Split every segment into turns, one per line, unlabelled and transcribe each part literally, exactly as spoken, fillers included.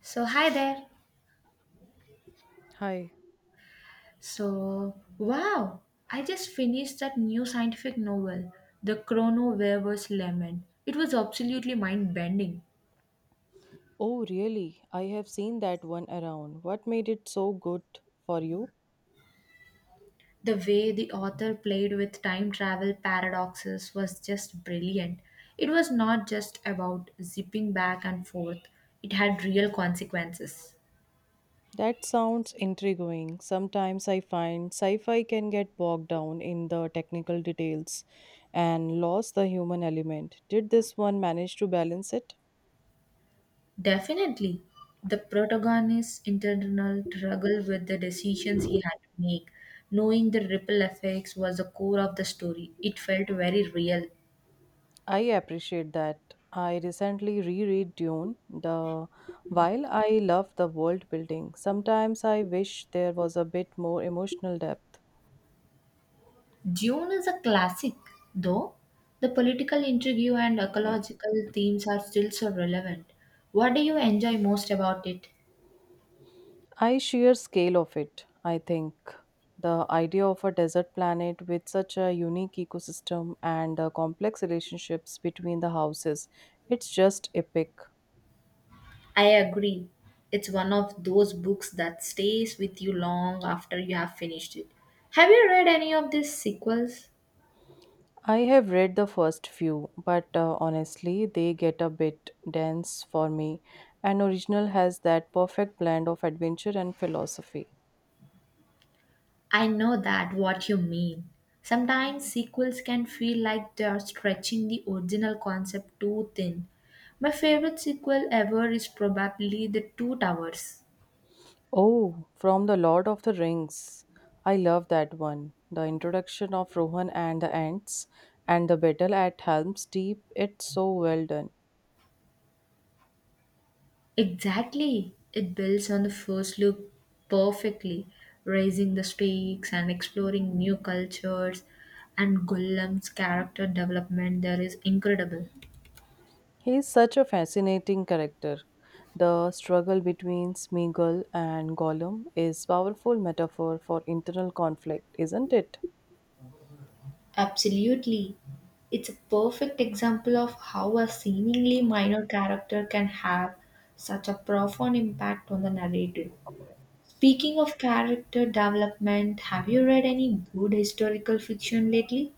So, hi there.
Hi.
So, wow, I just finished that new scientific novel, The Chrono Weaver's Lament. It was absolutely mind bending.
Oh, really? I have seen that one around. What made it so good for you?
The way the author played with time travel paradoxes was just brilliant. It was not just about zipping back and forth, it had real consequences.
That sounds intriguing. Sometimes I find sci fi can get bogged down in the technical details and lost the human element. Did this one manage to balance it?
Definitely, the protagonist's internal struggle with the decisions he had to make, knowing the ripple effects, was the core of the story. It felt very real.
I appreciate that. I recently reread Dune. The while I love the world building, sometimes I wish there was a bit more emotional depth.
Dune is a classic, though. The political intrigue and ecological themes are still so relevant. What do you enjoy most about it?
I sheer scale of it, I think. The idea of a desert planet with such a unique ecosystem and uh, complex relationships between the houses, it's just epic.
I agree. It's one of those books that stays with you long after you have finished it. Have you read any of these sequels?
I have read the first few, but uh, honestly, they get a bit dense for me. An original has that perfect blend of adventure and philosophy.
I know that what you mean. Sometimes sequels can feel like they are stretching the original concept too thin. My favorite sequel ever is probably The Two Towers.
Oh, from The Lord of the Rings. I love that one. The introduction of Rohan and the Ents, and the battle at Helm's Deep, it's so well done.
Exactly. It builds on the first look perfectly, raising the stakes and exploring new cultures and Gollum's character development there is incredible.
He is such a fascinating character. The struggle between Smeagol and Gollum is powerful metaphor for internal conflict, isn't it?
Absolutely. It's a perfect example of how a seemingly minor character can have such a profound impact on the narrative. Speaking of character development, have you read any good historical fiction lately?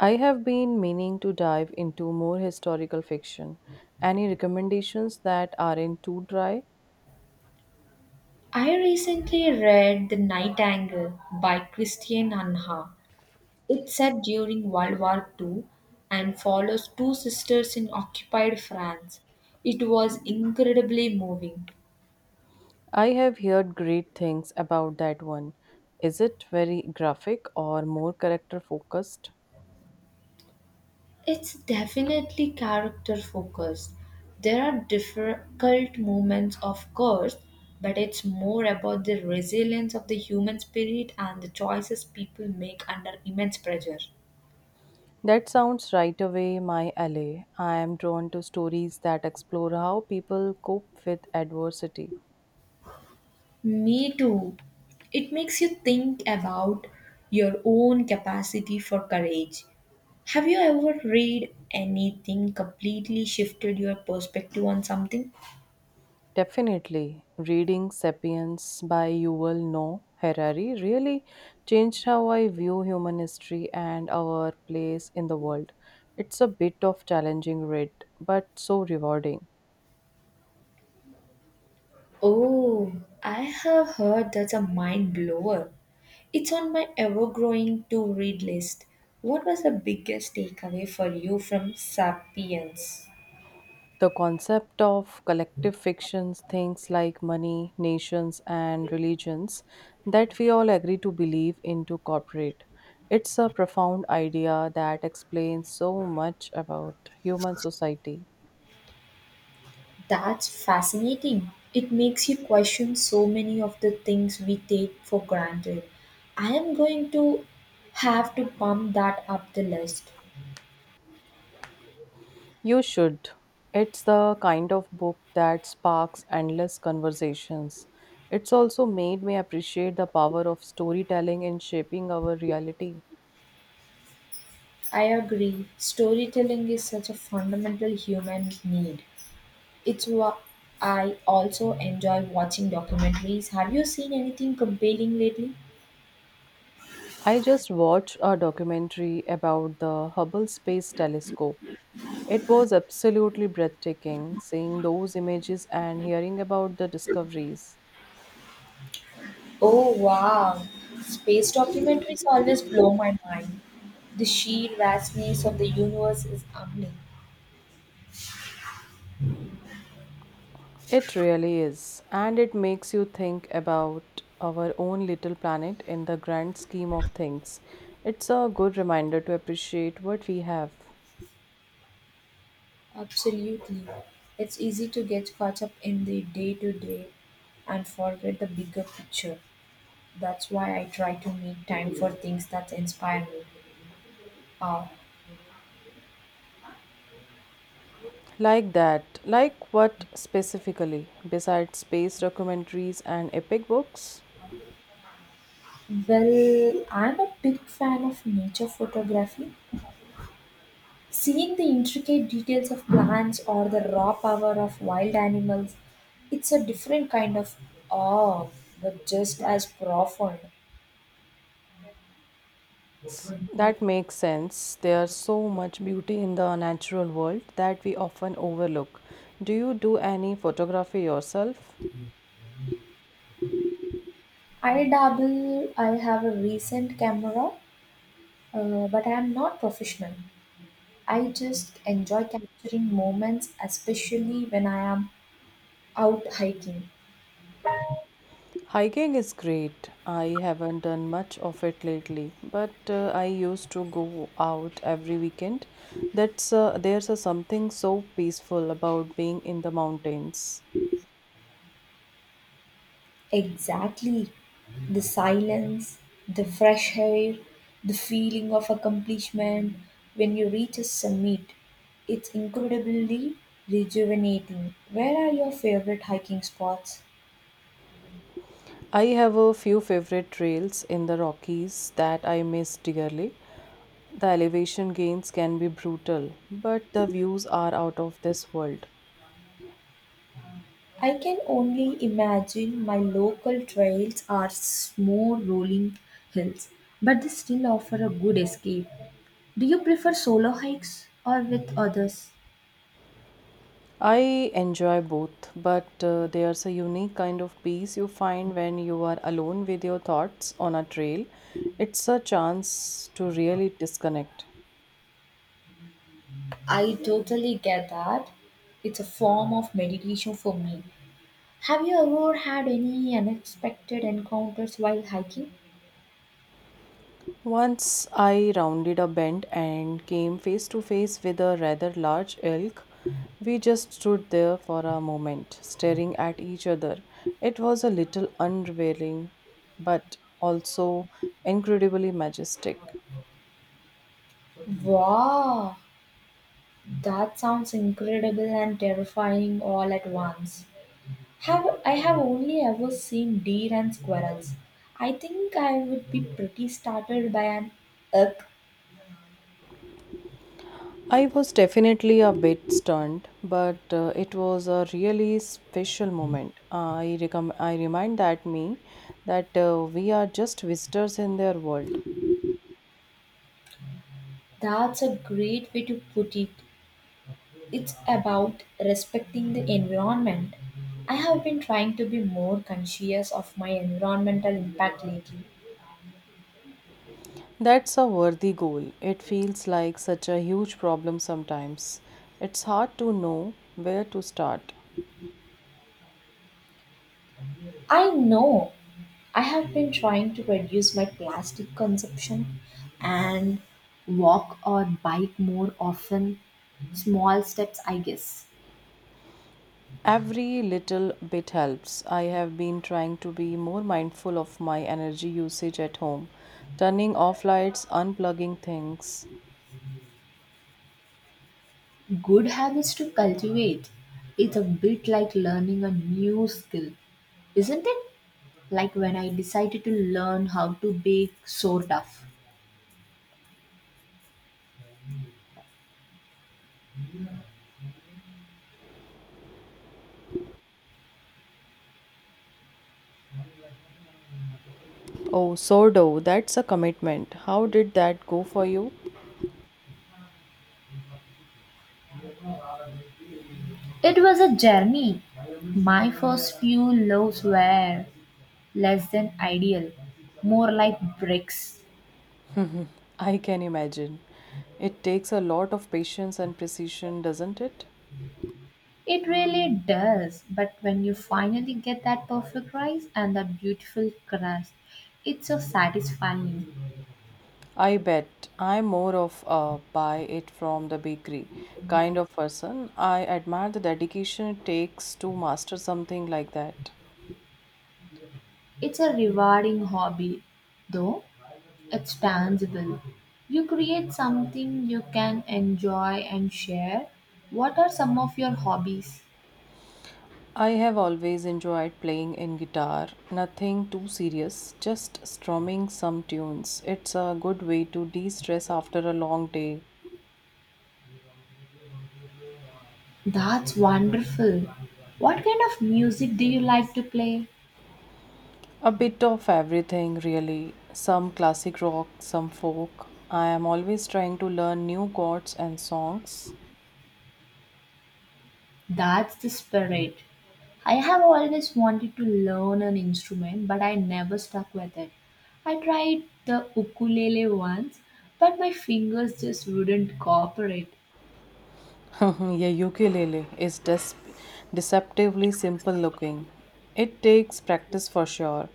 I have been meaning to dive into more historical fiction. Any recommendations that aren't too dry?
I recently read The Night Angle by Christian Anha. It's set during World War Two, and follows two sisters in occupied France. It was incredibly moving.
I have heard great things about that one. Is it very graphic or more character focused?
It's definitely character focused. There are difficult moments, of course, but it's more about the resilience of the human spirit and the choices people make under immense pressure.
That sounds right away my alley. I am drawn to stories that explore how people cope with adversity.
Me too. It makes you think about your own capacity for courage. Have you ever read anything completely shifted your perspective on something?
Definitely, reading Sapiens by Yuval Noah Harari really changed how I view human history and our place in the world. It's a bit of challenging read, but so rewarding.
Oh, I have heard that's a mind blower. It's on my ever growing to read list. What was the biggest takeaway for you from Sapiens?
The concept of collective fictions, things like money, nations, and religions that we all agree to believe into corporate. It's a profound idea that explains so much about human society.
That's fascinating. It makes you question so many of the things we take for granted. I am going to have to pump that up the list.
You should. It's the kind of book that sparks endless conversations. It's also made me appreciate the power of storytelling in shaping our reality.
I agree. Storytelling is such a fundamental human need. It's what I also enjoy watching documentaries. Have you seen anything compelling lately?
I just watched a documentary about the Hubble Space Telescope. It was absolutely breathtaking seeing those images and hearing about the discoveries.
Oh wow, space documentaries always blow my mind. The sheer vastness of the universe is humbling.
It really is, and it makes you think about our own little planet in the grand scheme of things. It's a good reminder to appreciate what we have.
Absolutely. It's easy to get caught up in the day to day and forget the bigger picture. That's why I try to make time for things that inspire me. Uh,
Like that, like what specifically, besides space documentaries and epic books?
well, I'm a big fan of nature photography. Seeing the intricate details of plants or the raw power of wild animals, it's a different kind of awe, but just as profound.
That makes sense. There's so much beauty in the natural world that we often overlook. Do you do any photography yourself?
I dabble, I have a recent camera, uh, but I am not professional. I just enjoy capturing moments, especially when I am out hiking.
Hiking is great. I haven't done much of it lately, but uh, I used to go out every weekend. That's uh, there's a something so peaceful about being in the mountains.
Exactly. The silence, the fresh air, the feeling of accomplishment when you reach a summit. It's incredibly rejuvenating. Where are your favorite hiking spots?
I have a few favorite trails in the Rockies that I miss dearly. The elevation gains can be brutal, but the views are out of this world.
I can only imagine my local trails are smooth rolling hills, but they still offer a good escape. Do you prefer solo hikes or with others?
I enjoy both, but uh, there's a unique kind of peace you find when you are alone with your thoughts on a trail. It's a chance to really disconnect.
I totally get that. It's a form of meditation for me. Have you ever had any unexpected encounters while hiking?
Once I rounded a bend and came face to face with a rather large elk. We just stood there for a moment, staring at each other. It was a little unrevealing, but also incredibly majestic.
Wow, that sounds incredible and terrifying all at once. Have I have only ever seen deer and squirrels. I think I would be pretty startled by an elk.
I was definitely a bit stunned, but uh, it was a really special moment. I, recom- I remind that me that uh, we are just visitors in their world.
That's a great way to put it. It's about respecting the environment. I have been trying to be more conscious of my environmental impact lately.
That's a worthy goal. It feels like such a huge problem sometimes. It's hard to know where to start.
I know. I have been trying to reduce my plastic consumption and walk or bike more often. Small steps, I guess.
Every little bit helps. I have been trying to be more mindful of my energy usage at home, turning off lights, unplugging things.
Good habits to cultivate. It's a bit like learning a new skill, isn't it? Like when I decided to learn how to bake sourdough.
Oh, sourdough, that's a commitment. How did that go for you?
It was a journey. My first few loaves were less than ideal, more like bricks.
I can imagine. It takes a lot of patience and precision, doesn't it?
It really does, but when you finally get that perfect rise and that beautiful crust, it's so satisfying.
I bet I'm more of a buy it from the bakery kind of person. I admire the dedication it takes to master something like that.
It's a rewarding hobby, though it's tangible. You create something you can enjoy and share. What are some of your hobbies?
I have always enjoyed playing in guitar, nothing too serious, just strumming some tunes. It's a good way to de stress after a long day.
That's wonderful. What kind of music do you like to play?
A bit of everything, really. Some classic rock, some folk. I am always trying to learn new chords and songs.
That's the spirit. I have always wanted to learn an instrument, but I never stuck with it. I tried the ukulele once, but my fingers just wouldn't cooperate.
Yeah, ukulele is des- deceptively simple looking. It takes practice for sure,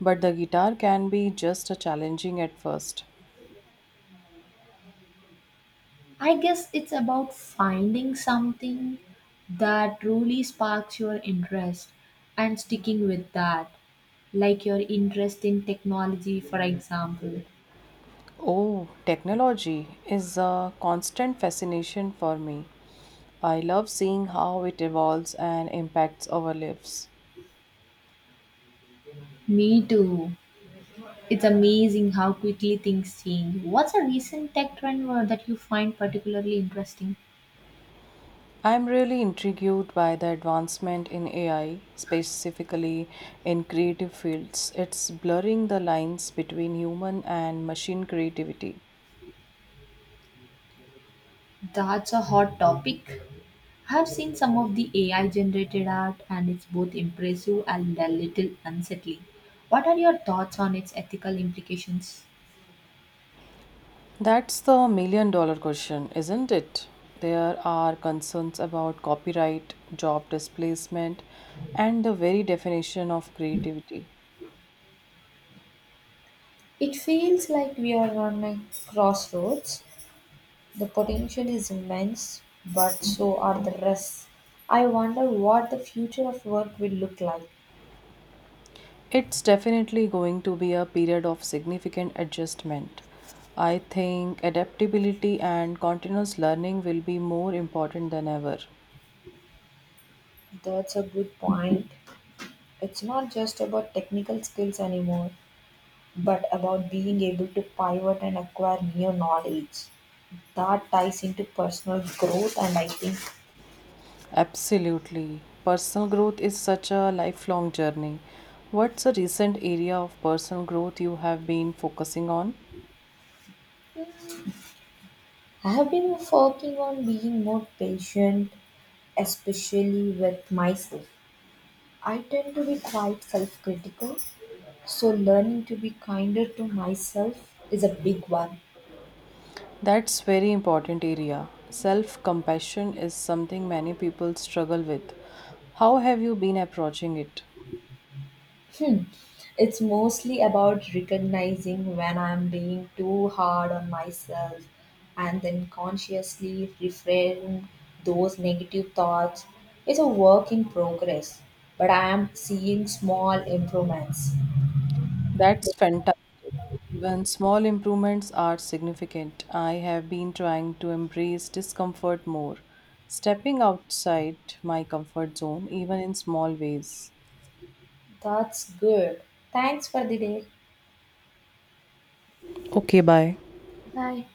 but the guitar can be just a challenging at first.
I guess it's about finding something that truly sparks your interest and sticking with that, like your interest in technology, for example.
Oh, technology is a constant fascination for me. I love seeing how it evolves and impacts our lives.
Me too. It's amazing how quickly things change. What's a recent tech trend uh, that you find particularly interesting?
I'm really intrigued by the advancement in A I, specifically in creative fields. It's blurring the lines between human and machine creativity.
That's a hot topic. I have seen some of the A I generated art and it's both impressive and a little unsettling. What are your thoughts on its ethical implications?
That's the million dollar question, isn't it? There are concerns about copyright, job displacement, and the very definition of creativity.
It feels like we are on a crossroads. The potential is immense, but so are the risks. I wonder what the future of work will look like.
It's definitely going to be a period of significant adjustment. I think adaptability and continuous learning will be more important than ever.
That's a good point. It's not just about technical skills anymore, but about being able to pivot and acquire new knowledge. That ties into personal growth, and I think
Absolutely. Personal growth is such a lifelong journey. What's a recent area of personal growth you have been focusing on?
I have been working on being more patient, especially with myself. I tend to be quite self critical, so learning to be kinder to myself is a big one.
That's very important area. Self-compassion is something many people struggle with. How have you been approaching it?
Hmm. It's mostly about recognizing when I'm being too hard on myself and then consciously reframe those negative thoughts. It's a work in progress, but I am seeing small improvements.
That's fantastic. Even small improvements are significant. I have been trying to embrace discomfort more, stepping outside my comfort zone even in small ways.
That's good. Thanks for the day.
Okay, bye.
Bye.